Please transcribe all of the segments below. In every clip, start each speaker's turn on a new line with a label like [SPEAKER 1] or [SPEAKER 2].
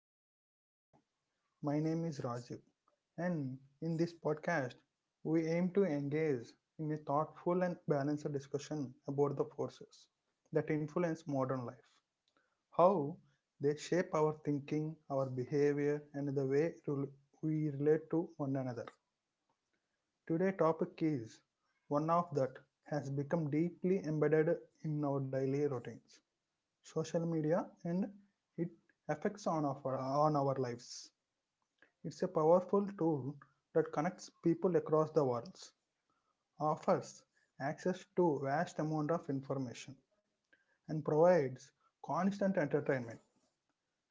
[SPEAKER 1] joining us today. My name is Rajiv, and in this podcast, we aim to engage in a thoughtful and balanced discussion about the forces that influence modern life, how they shape our thinking, our behavior, and the way we relate to one another. Today's topic is one of that has become deeply embedded in our daily routines, social media and it affects on our lives. It's a powerful tool that connects people across the world, offers access to vast amount of information, and provides constant entertainment.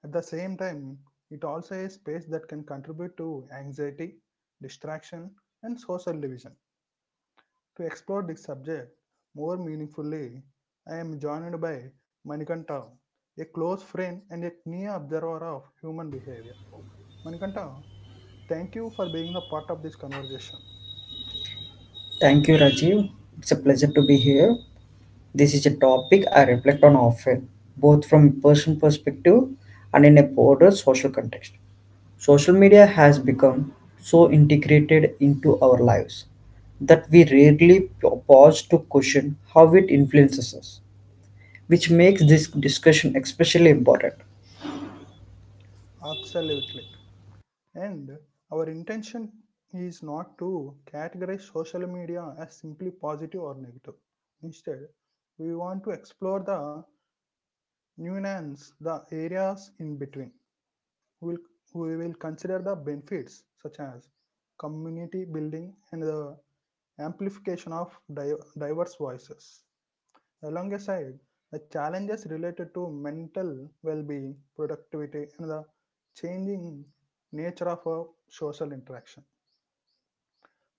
[SPEAKER 1] At the same time, it also is a space that can contribute to anxiety, distraction, and social division. To explore this subject more meaningfully, I am joined by Manikanta, a close friend and a keen observer of human behavior. Manikanta, thank you for being a part of this conversation.
[SPEAKER 2] Thank you, Rajiv. It's a pleasure to be here. This is a topic I reflect on often, both from a personal perspective and in a broader social context. Social media has become so integrated into our lives that we rarely pause to question how it influences us, which makes this discussion especially important.
[SPEAKER 1] Absolutely. And our intention is not to categorize social media as simply positive or negative. Instead, we want to explore the nuance, the areas in between. We will we will consider the benefits such as community building and the amplification of diverse voices. Alongside the challenges related to mental well-being, productivity, and the changing nature of a social interaction.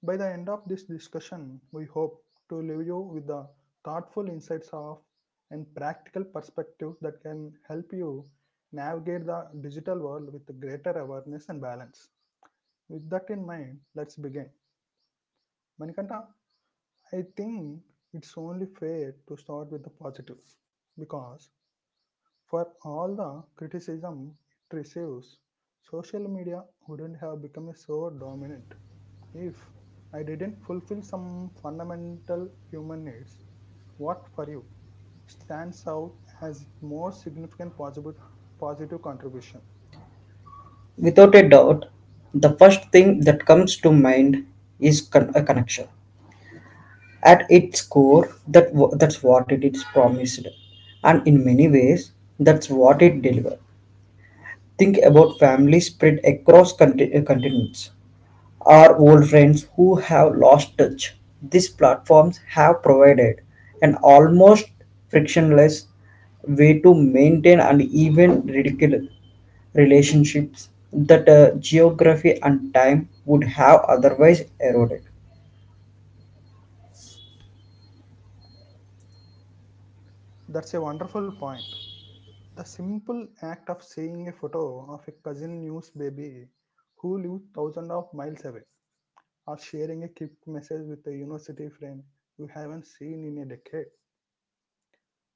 [SPEAKER 1] By the end of this discussion, we hope to leave you with the thoughtful insights of and practical perspectives that can help you navigate the digital world with greater awareness and balance. With that in mind, let's begin. Manikanta, I think it's only fair to start with the positive because for all the criticism it receives, social media wouldn't have become so dominant if I didn't fulfill some fundamental human needs. What for you stands out as most significant positive, positive contribution?
[SPEAKER 2] Without a doubt, the first thing that comes to mind is a connection. At its core, that's what it is promised, and in many ways, that's what it delivered. Think about families spread across continents, our old friends who have lost touch. These platforms have provided an almost frictionless way to maintain and even ridicule relationships that geography and time would have otherwise eroded.
[SPEAKER 1] That's a wonderful point. The simple act of seeing a photo of a cousin news baby who lived thousands of miles away or sharing a quick message with a university friend you haven't seen in a decade.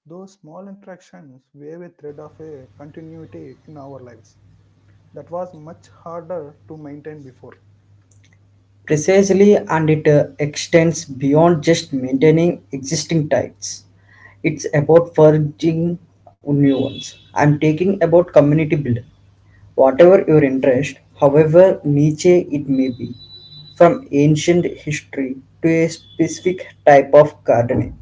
[SPEAKER 1] Those small interactions wave a thread of a continuity in our lives that was much harder to maintain before.
[SPEAKER 2] Precisely, and it extends beyond just maintaining existing types. It's about forging new ones. I'm taking about community building. Whatever your interest, however niche it may be, from ancient history to a specific type of gardening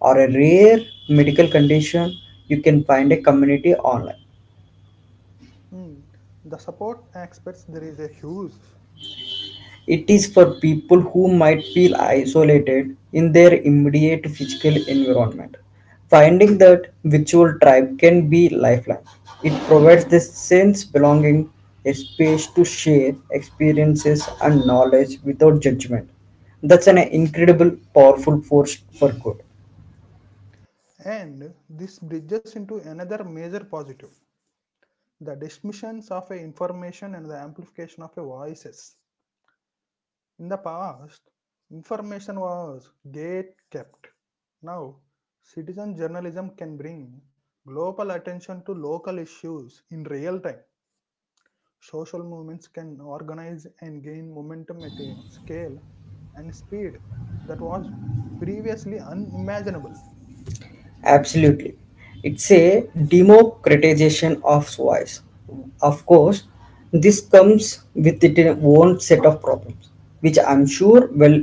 [SPEAKER 2] or a rare medical condition, you can find a community online.
[SPEAKER 1] Hmm, the support aspects there is a huge,
[SPEAKER 2] It is for people who might feel isolated in their immediate physical environment. Finding that virtual tribe can be lifeline. It provides the sense belonging, a space to share experiences and knowledge without judgment. That's an incredible, powerful force for good.
[SPEAKER 1] and this bridges into another major positive: the dismissions of a information and the amplification of a voices. In the past, information was gate kept. Now, citizen journalism can bring global attention to local issues in real time. Social movements can organize and gain momentum at a scale and speed that was previously unimaginable.
[SPEAKER 2] Absolutely. It's a democratization of voice. Of course, this comes with its own set of problems, which I'm sure we'll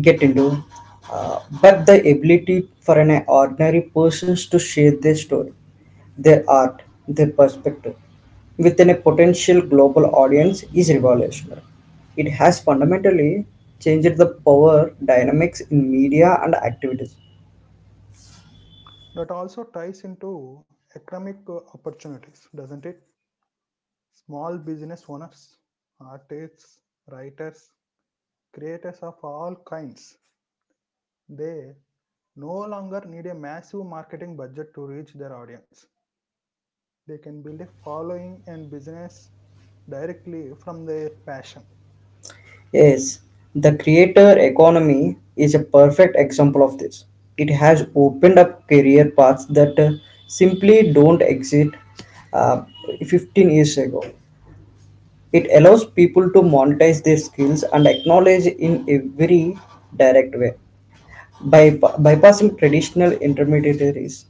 [SPEAKER 2] get into. But the ability for an ordinary person to share their story, their art, their perspective within a potential global audience is revolutionary. It has fundamentally changed the power dynamics in media and activities.
[SPEAKER 1] That also ties into economic opportunities, doesn't it? Small business owners, artists, writers, creators of all kinds, they no longer need a massive marketing budget to reach their audience. They can build a following and business directly from their passion.
[SPEAKER 2] Yes, the creator economy is a perfect example of this. It has opened up career paths that simply don't exist uh, 15 years ago. It allows people to monetize their skills and acknowledge in a very direct way by bypassing traditional intermediaries.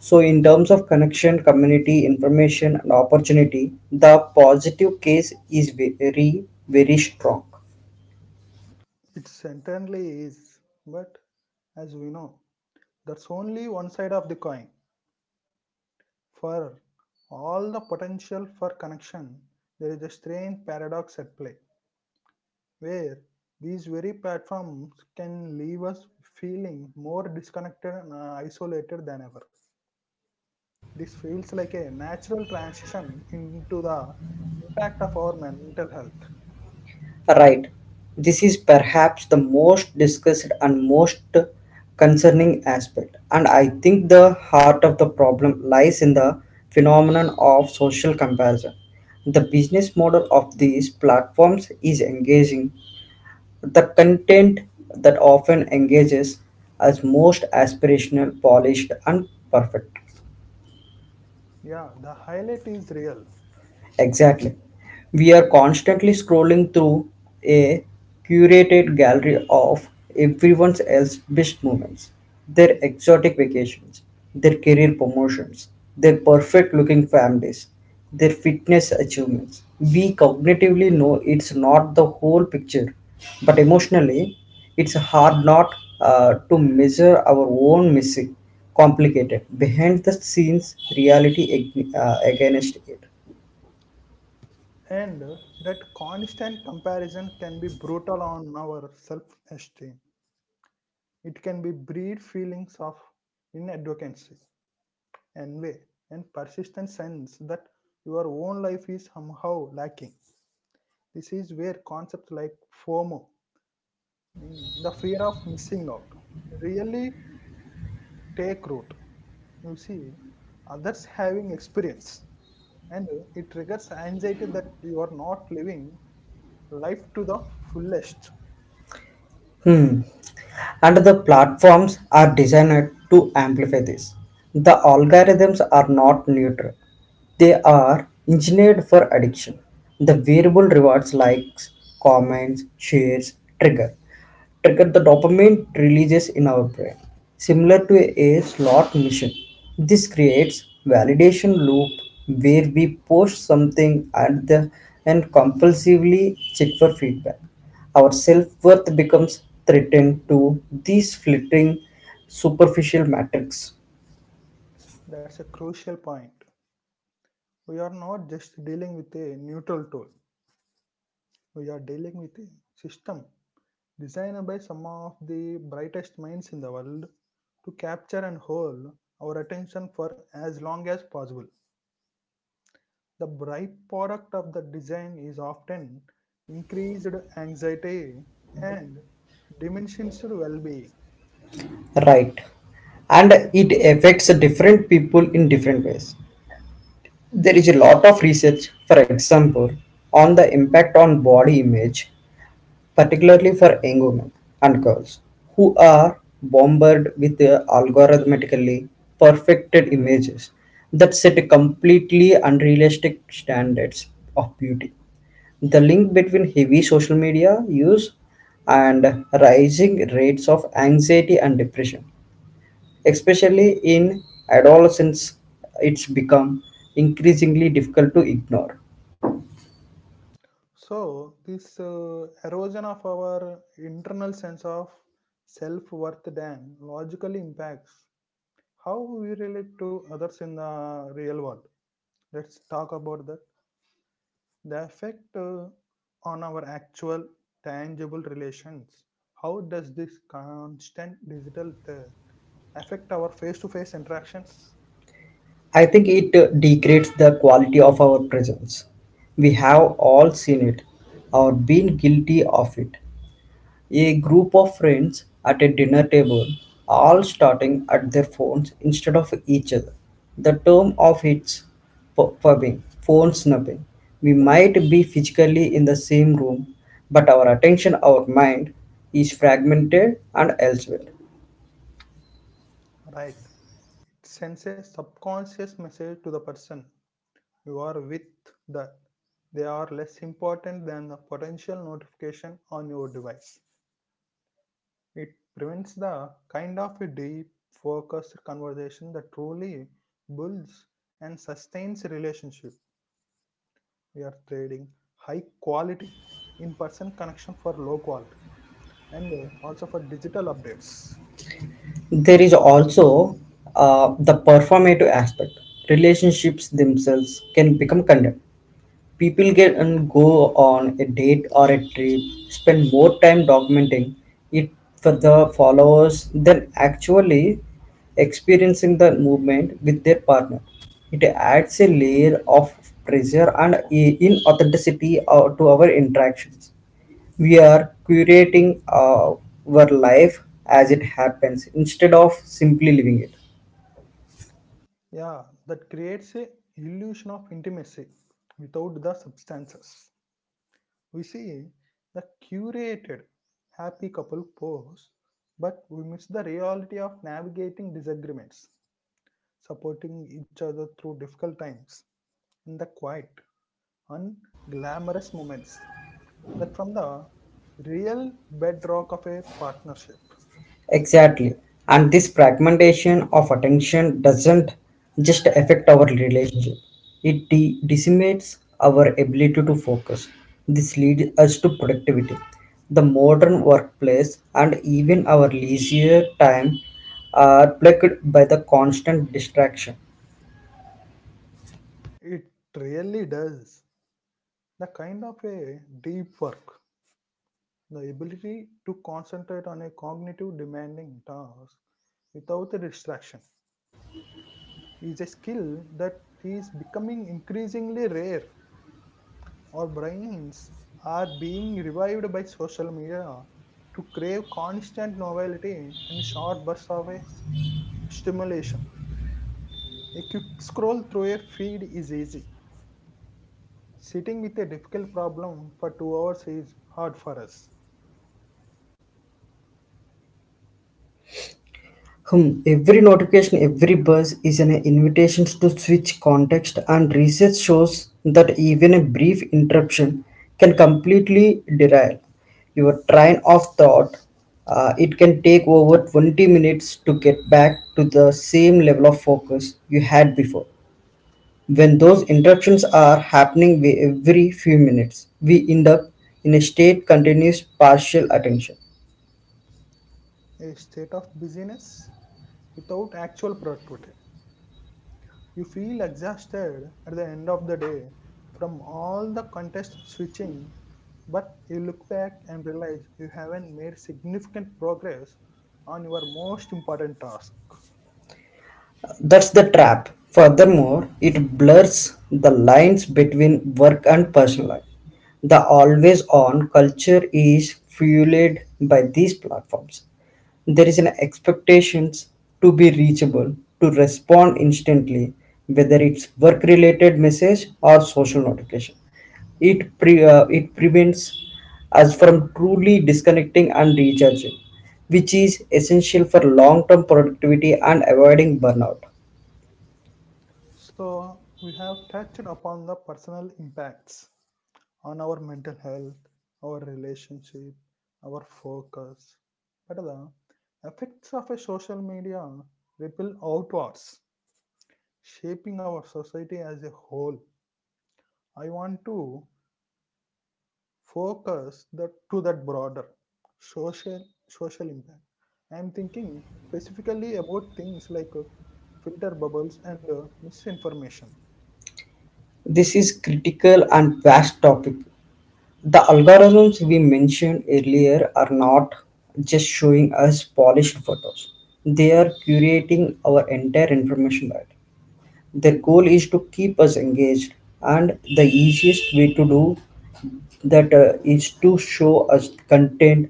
[SPEAKER 2] So, in terms of connection, community, information, and opportunity, the positive case is very, very strong.
[SPEAKER 1] It certainly is, but as we know, that's only one side of the coin. For all the potential for connection, there is a strange paradox at play where these very platforms can leave us feeling more disconnected and isolated than ever. This feels like a natural transition into the impact of our mental health.
[SPEAKER 2] Right. This is perhaps the most discussed and most concerning aspect. And I think the heart of the problem lies in the phenomenon of social comparison. The business model of these platforms is engaging. The content that often engages as most aspirational, polished, and perfect.
[SPEAKER 1] Yeah, the highlight is real,
[SPEAKER 2] Exactly. We are constantly scrolling through a curated gallery of everyone else's best moments, their exotic vacations, their career promotions, their perfect looking families, their fitness achievements. We cognitively know it's not the whole picture, but emotionally, it's hard not to measure our own missing, complicated, behind the scenes reality against it.
[SPEAKER 1] and that constant comparison can be brutal on our self esteem. It can be breed feelings of inadvocacy, envy, and persistent sense that your own life is somehow lacking. This is where concepts like FOMO, meaning the fear of missing out, really take root. You see others having experience, and it triggers anxiety that you are not living life to the fullest.
[SPEAKER 2] Hmm. And the platforms are designed to amplify this. The algorithms are not neutral, they are engineered for addiction. The variable rewards likes, comments, shares, trigger trigger the dopamine releases in our brain, similar to a slot machine. This creates validation loop where we post something and compulsively check for feedback. Our self-worth becomes threatened to these fleeting superficial metrics.
[SPEAKER 1] That's a crucial point. We are not just dealing with a neutral tool, we are dealing with a system designed by some of the brightest minds in the world to capture and hold our attention for as long as possible. The byproduct of the design is often increased anxiety and diminished well being.
[SPEAKER 2] Right, and it affects different people in different ways. There is a lot of research, for example, on the impact on body image particularly for young women and girls who are bombarded with algorithmically perfected images that set completely unrealistic standards of beauty. The link between heavy social media use and rising rates of anxiety and depression, especially in adolescence, it's become increasingly difficult to ignore.
[SPEAKER 1] So, this erosion of our internal sense of self worth then logically impacts how we relate to others in the real world. Let's talk about that. The effect on our actual tangible relations. How does this constant digital affect our face to face interactions?
[SPEAKER 2] I think it degrades the quality of our presence. We have all seen it or been guilty of it. A group of friends at a dinner table, all starting at their phones instead of each other. The term of its pubbing, phone snubbing. We might be physically in the same room, but our attention, our mind, is fragmented and elsewhere.
[SPEAKER 1] Right. It sends a subconscious message to the person you are with that they are less important than the potential notification on your device. It prevents the kind of a deep, focused conversation that truly builds and sustains a relationship. We are trading high quality in-person connection for low quality and also for digital updates.
[SPEAKER 2] There is also the performative aspect. Relationships themselves can become content. People get and go on a date or a trip, spend more time documenting it for the followers than actually experiencing the movement with their partner. It adds a layer of pressure and inauthenticity to our interactions. We are curating our life as it happens instead of simply living it.
[SPEAKER 1] Yeah, that creates a illusion of intimacy without the substances. We see the curated happy couple pose, but we miss the reality of navigating disagreements, supporting each other through difficult times, in the quiet unglamorous moments that from the real bedrock of a partnership.
[SPEAKER 2] Exactly. And this fragmentation of attention doesn't just affect our relationship, it decimates our ability to focus. This leads us to productivity. The modern workplace and even our leisure time are plagued by the constant distraction.
[SPEAKER 1] It really does. The kind of a deep work, the ability to concentrate on a cognitive demanding task without a distraction, is a skill that is becoming increasingly rare. Our brains are being revived by social media to crave constant novelty and short bursts of a stimulation. A quick scroll through a feed is easy. Sitting with a difficult problem for 2 hours is hard for us.
[SPEAKER 2] Hmm. Every notification, every buzz is an invitation to switch context, and research shows that even a brief interruption can completely derail your train of thought. It can take over 20 minutes to get back to the same level of focus you had before. When those interruptions are happening every few minutes, we end up in a state continuous partial attention.
[SPEAKER 1] A state of busyness without actual productivity. You feel exhausted at the end of the day from all the contest switching, but you look back and realize you haven't made significant progress on your most important task.
[SPEAKER 2] That's the trap. Furthermore, it blurs the lines between work and personal life. The always on culture is fueled by these platforms. There is an expectation to be reachable, to respond instantly, whether it's work related message or social notification. It prevents us from truly disconnecting and recharging, which is essential for long term productivity and avoiding burnout.
[SPEAKER 1] So, we have touched upon the personal impacts on our mental health, our relationship, our focus. But the effects of a social media ripple outwards, shaping our society as a whole. I want to focus that to that broader social impact. I am thinking specifically about things like filter bubbles and misinformation.
[SPEAKER 2] This is critical and vast topic. The algorithms we mentioned earlier are not just showing us polished photos. They are curating our entire information diet. Their goal is to keep us engaged and the easiest way to do that is to show us content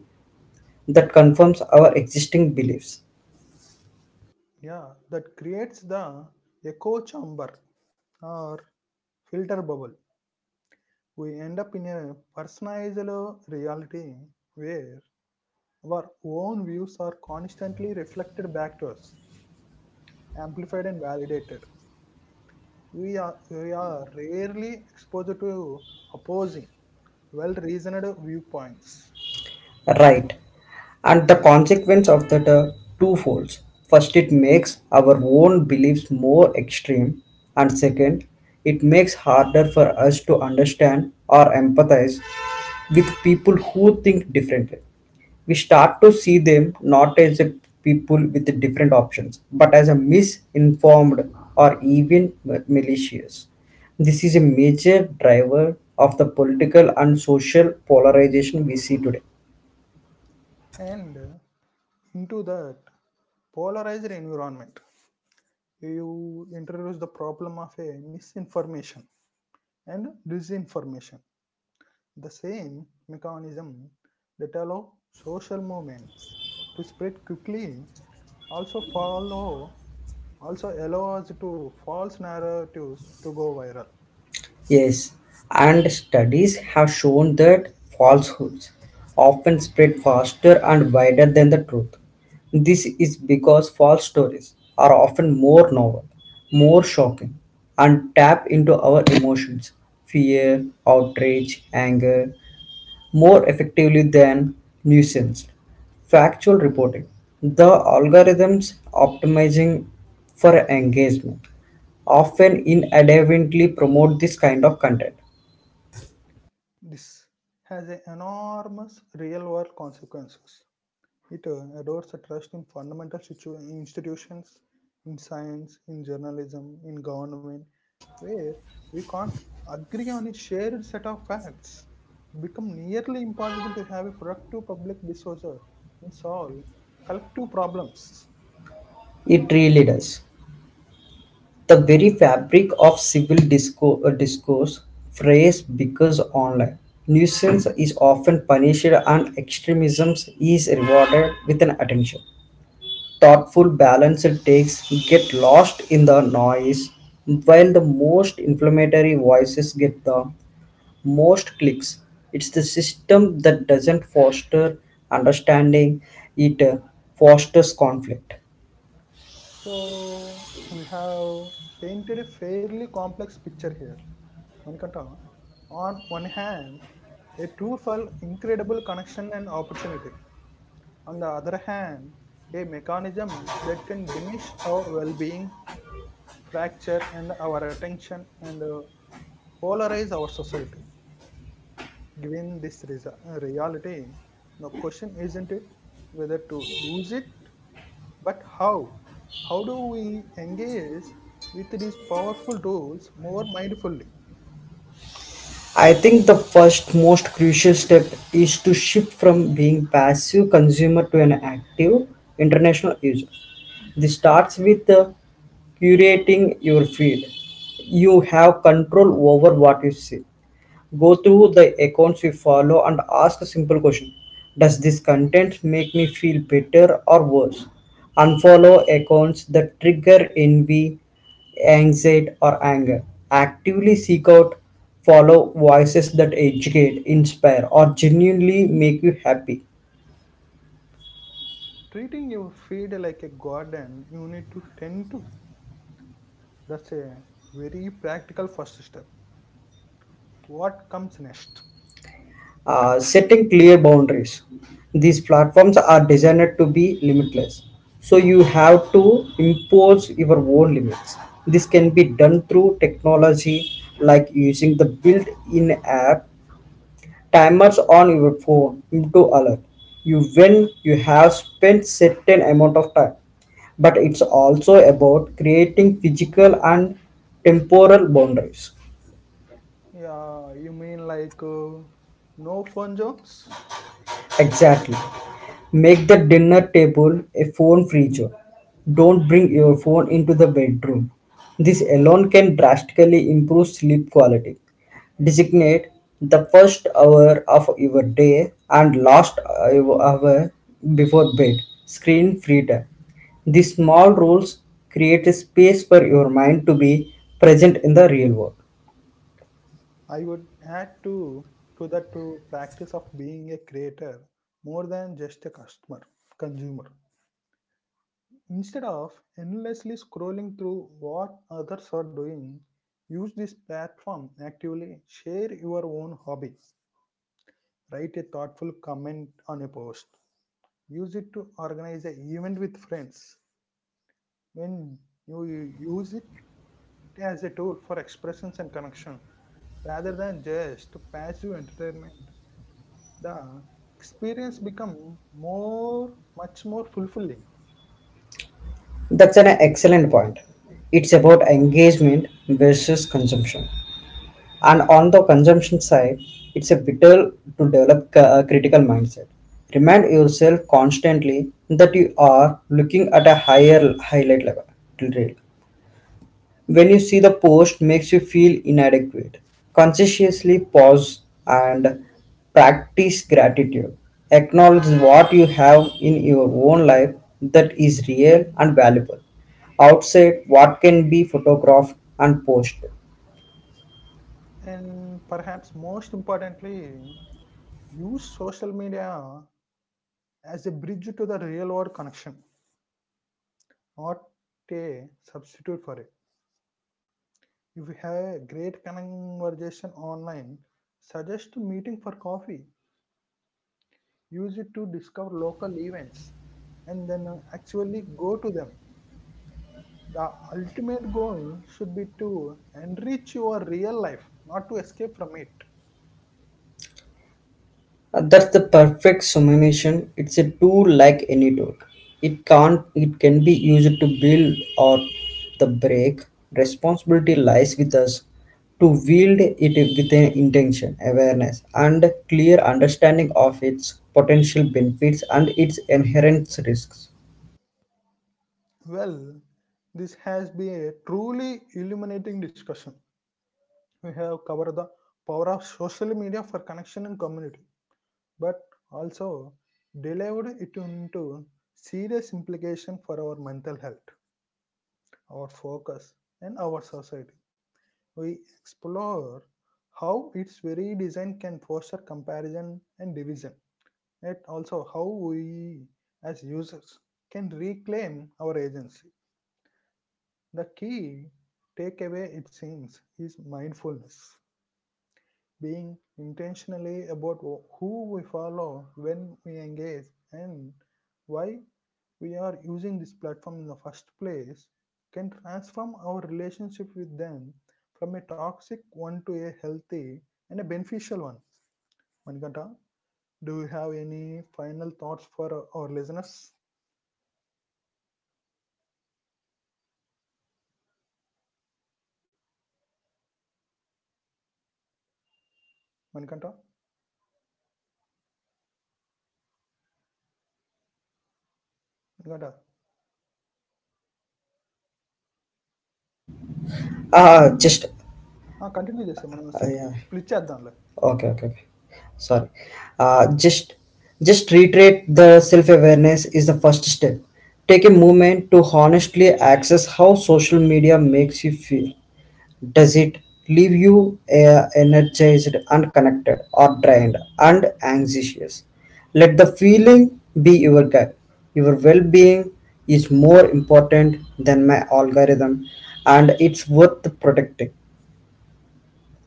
[SPEAKER 2] that confirms our existing beliefs.
[SPEAKER 1] Yeah, that creates the echo chamber or filter bubble. We end up in a personalized reality where our own views are constantly reflected back to us, amplified and validated. We are rarely exposed to opposing, well reasoned viewpoints.
[SPEAKER 2] Right. And the consequence of that are twofolds. First, it makes our own beliefs more extreme, and second, it makes harder for us to understand or empathize with people who think differently. We start to see them not as a people with different options, but as a misinformed or even malicious. This is a major driver of the political and social polarization we see today.
[SPEAKER 1] And into that polarized environment, you introduce the problem of a misinformation and disinformation. The same mechanism that allow social movements to spread quickly also follow also allows to false narratives to go viral.
[SPEAKER 2] Yes, and studies have shown that falsehoods often spread faster and wider than the truth. This is because false stories are often more novel, more shocking, and tap into our emotions fear, outrage, anger more effectively than nuisance. Factual reporting. The algorithms optimizing for engagement often inadvertently promote this kind of content.
[SPEAKER 1] This has a enormous real world consequences. It adores a trust in fundamental institutions, in science, in journalism, in government, where we can't agree on a shared set of facts. It becomes nearly impossible to have a productive public discourse and solve collective problems.
[SPEAKER 2] It really does. The very fabric of civil discourse phrase because online. Nuisance is often punished and extremism is rewarded with an attention. Thoughtful balanced takes get lost in the noise while the most inflammatory voices get the most clicks. It's the system that doesn't foster understanding, it fosters conflict.
[SPEAKER 1] So we have painted a fairly complex picture here. Manikanta, on one hand, a tool for incredible connection and opportunity. On the other hand, a mechanism that can diminish our well being, fracture and our attention, and polarize our society. Given this reality, the question isn't it whether to use it, but how. How do we engage with these powerful tools more mindfully?
[SPEAKER 2] I think the first most crucial step is to shift from being passive consumer to an active international user. This starts with curating your feed. You have control over what you see. Go through the accounts you follow and ask a simple question. Does this content make me feel better or worse? Unfollow accounts that trigger envy, anxiety, or anger. Actively seek out, follow voices that educate, inspire, or genuinely make you happy.
[SPEAKER 1] Treating your feed like a garden you need to tend to. That's a very practical first step. What comes next?
[SPEAKER 2] Setting clear boundaries. These platforms are designed to be limitless. So you have to impose your own limits. This can be done through technology like using the built in app timers on your phone to alert you when you have spent certain amount of time, but it's also about creating physical and temporal boundaries.
[SPEAKER 1] Yeah, you mean like no fun jokes?
[SPEAKER 2] Exactly. Make the dinner table a phone free zone. Don't bring your phone into the bedroom. This alone can drastically improve sleep quality. Designate the first hour of your day and last hour before bed screen free time. These small rules create a space for your mind to be present in the real world.
[SPEAKER 1] I would add to that to practice of being a creator more than just a customer, consumer. Instead of endlessly scrolling through what others are doing, use this platform actively. Share your own hobby. Write a thoughtful comment on a post. Use it to organize an event with friends. When you use it as a tool for expressions and connection rather than just passive entertainment, the experience become more much more fulfilling.
[SPEAKER 2] That's an excellent point. It's about engagement versus consumption. And on the consumption side, it's a vital to develop a critical mindset. Remind yourself constantly that you are looking at a higher highlight level. Reel. When you see the post makes you feel inadequate, consciously pause and practice gratitude. Acknowledge what you have in your own life that is real and valuable outside what can be photographed and posted.
[SPEAKER 1] And perhaps most importantly, use social media as a bridge to the real world connection, not a substitute for it. If you have a great conversation online, suggest a meeting for coffee. Use it to discover local events and then actually go to them. The ultimate goal should be to enrich your real life, not to escape from it.
[SPEAKER 2] That's the perfect summation. It's a tool like any tool. It can't it can be used to build or the break. Responsibility lies with us to wield it with an intention, awareness, and clear understanding of its potential benefits and its inherent risks.
[SPEAKER 1] Well, this has been a truly illuminating discussion. We have covered the power of social media for connection and community, but also delivered it into serious implication for our mental health, our focus, and our society. We explore how its very design can foster comparison and division. Yet also how we as users can reclaim our agency. The key takeaway, it seems, is mindfulness, being intentionally about who we follow, when we engage, and why we are using this platform in the first place can transform our relationship with them from a toxic one to a healthy and a beneficial one. Manikanta, do you have any final thoughts for our listeners? Manikantha? Manikantha?
[SPEAKER 2] Ah, just ah,
[SPEAKER 1] ah! Continue చేసేయి. మనం slip
[SPEAKER 2] yeah.
[SPEAKER 1] Split చేద్దాంలే.
[SPEAKER 2] Okay, okay, okay. Sorry. Uh, just just reiterate the self-awareness is the first step. Take a moment to honestly access how social media makes you feel. Does it leave you energized, unconnected, or drained and anxious? Let the feeling be your guide. Your well-being is more important than my algorithm, and it's worth protecting.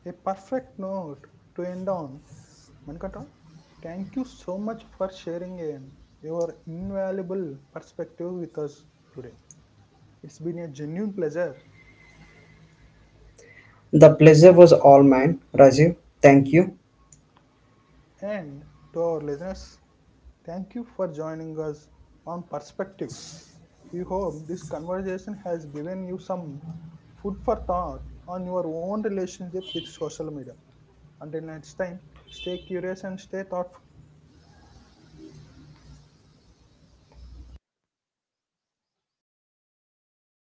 [SPEAKER 1] A perfect note to end on. Manikantha, thank you so much for sharing and your invaluable perspective with us today. It's been a genuine pleasure.
[SPEAKER 2] The pleasure was all mine, Rajiv. Thank you.
[SPEAKER 1] And to our listeners, thank you for joining us on Perspectives. We hope this conversation has given you some food for thought on your own relationship with social media. Until next time, stay curious and stay thoughtful.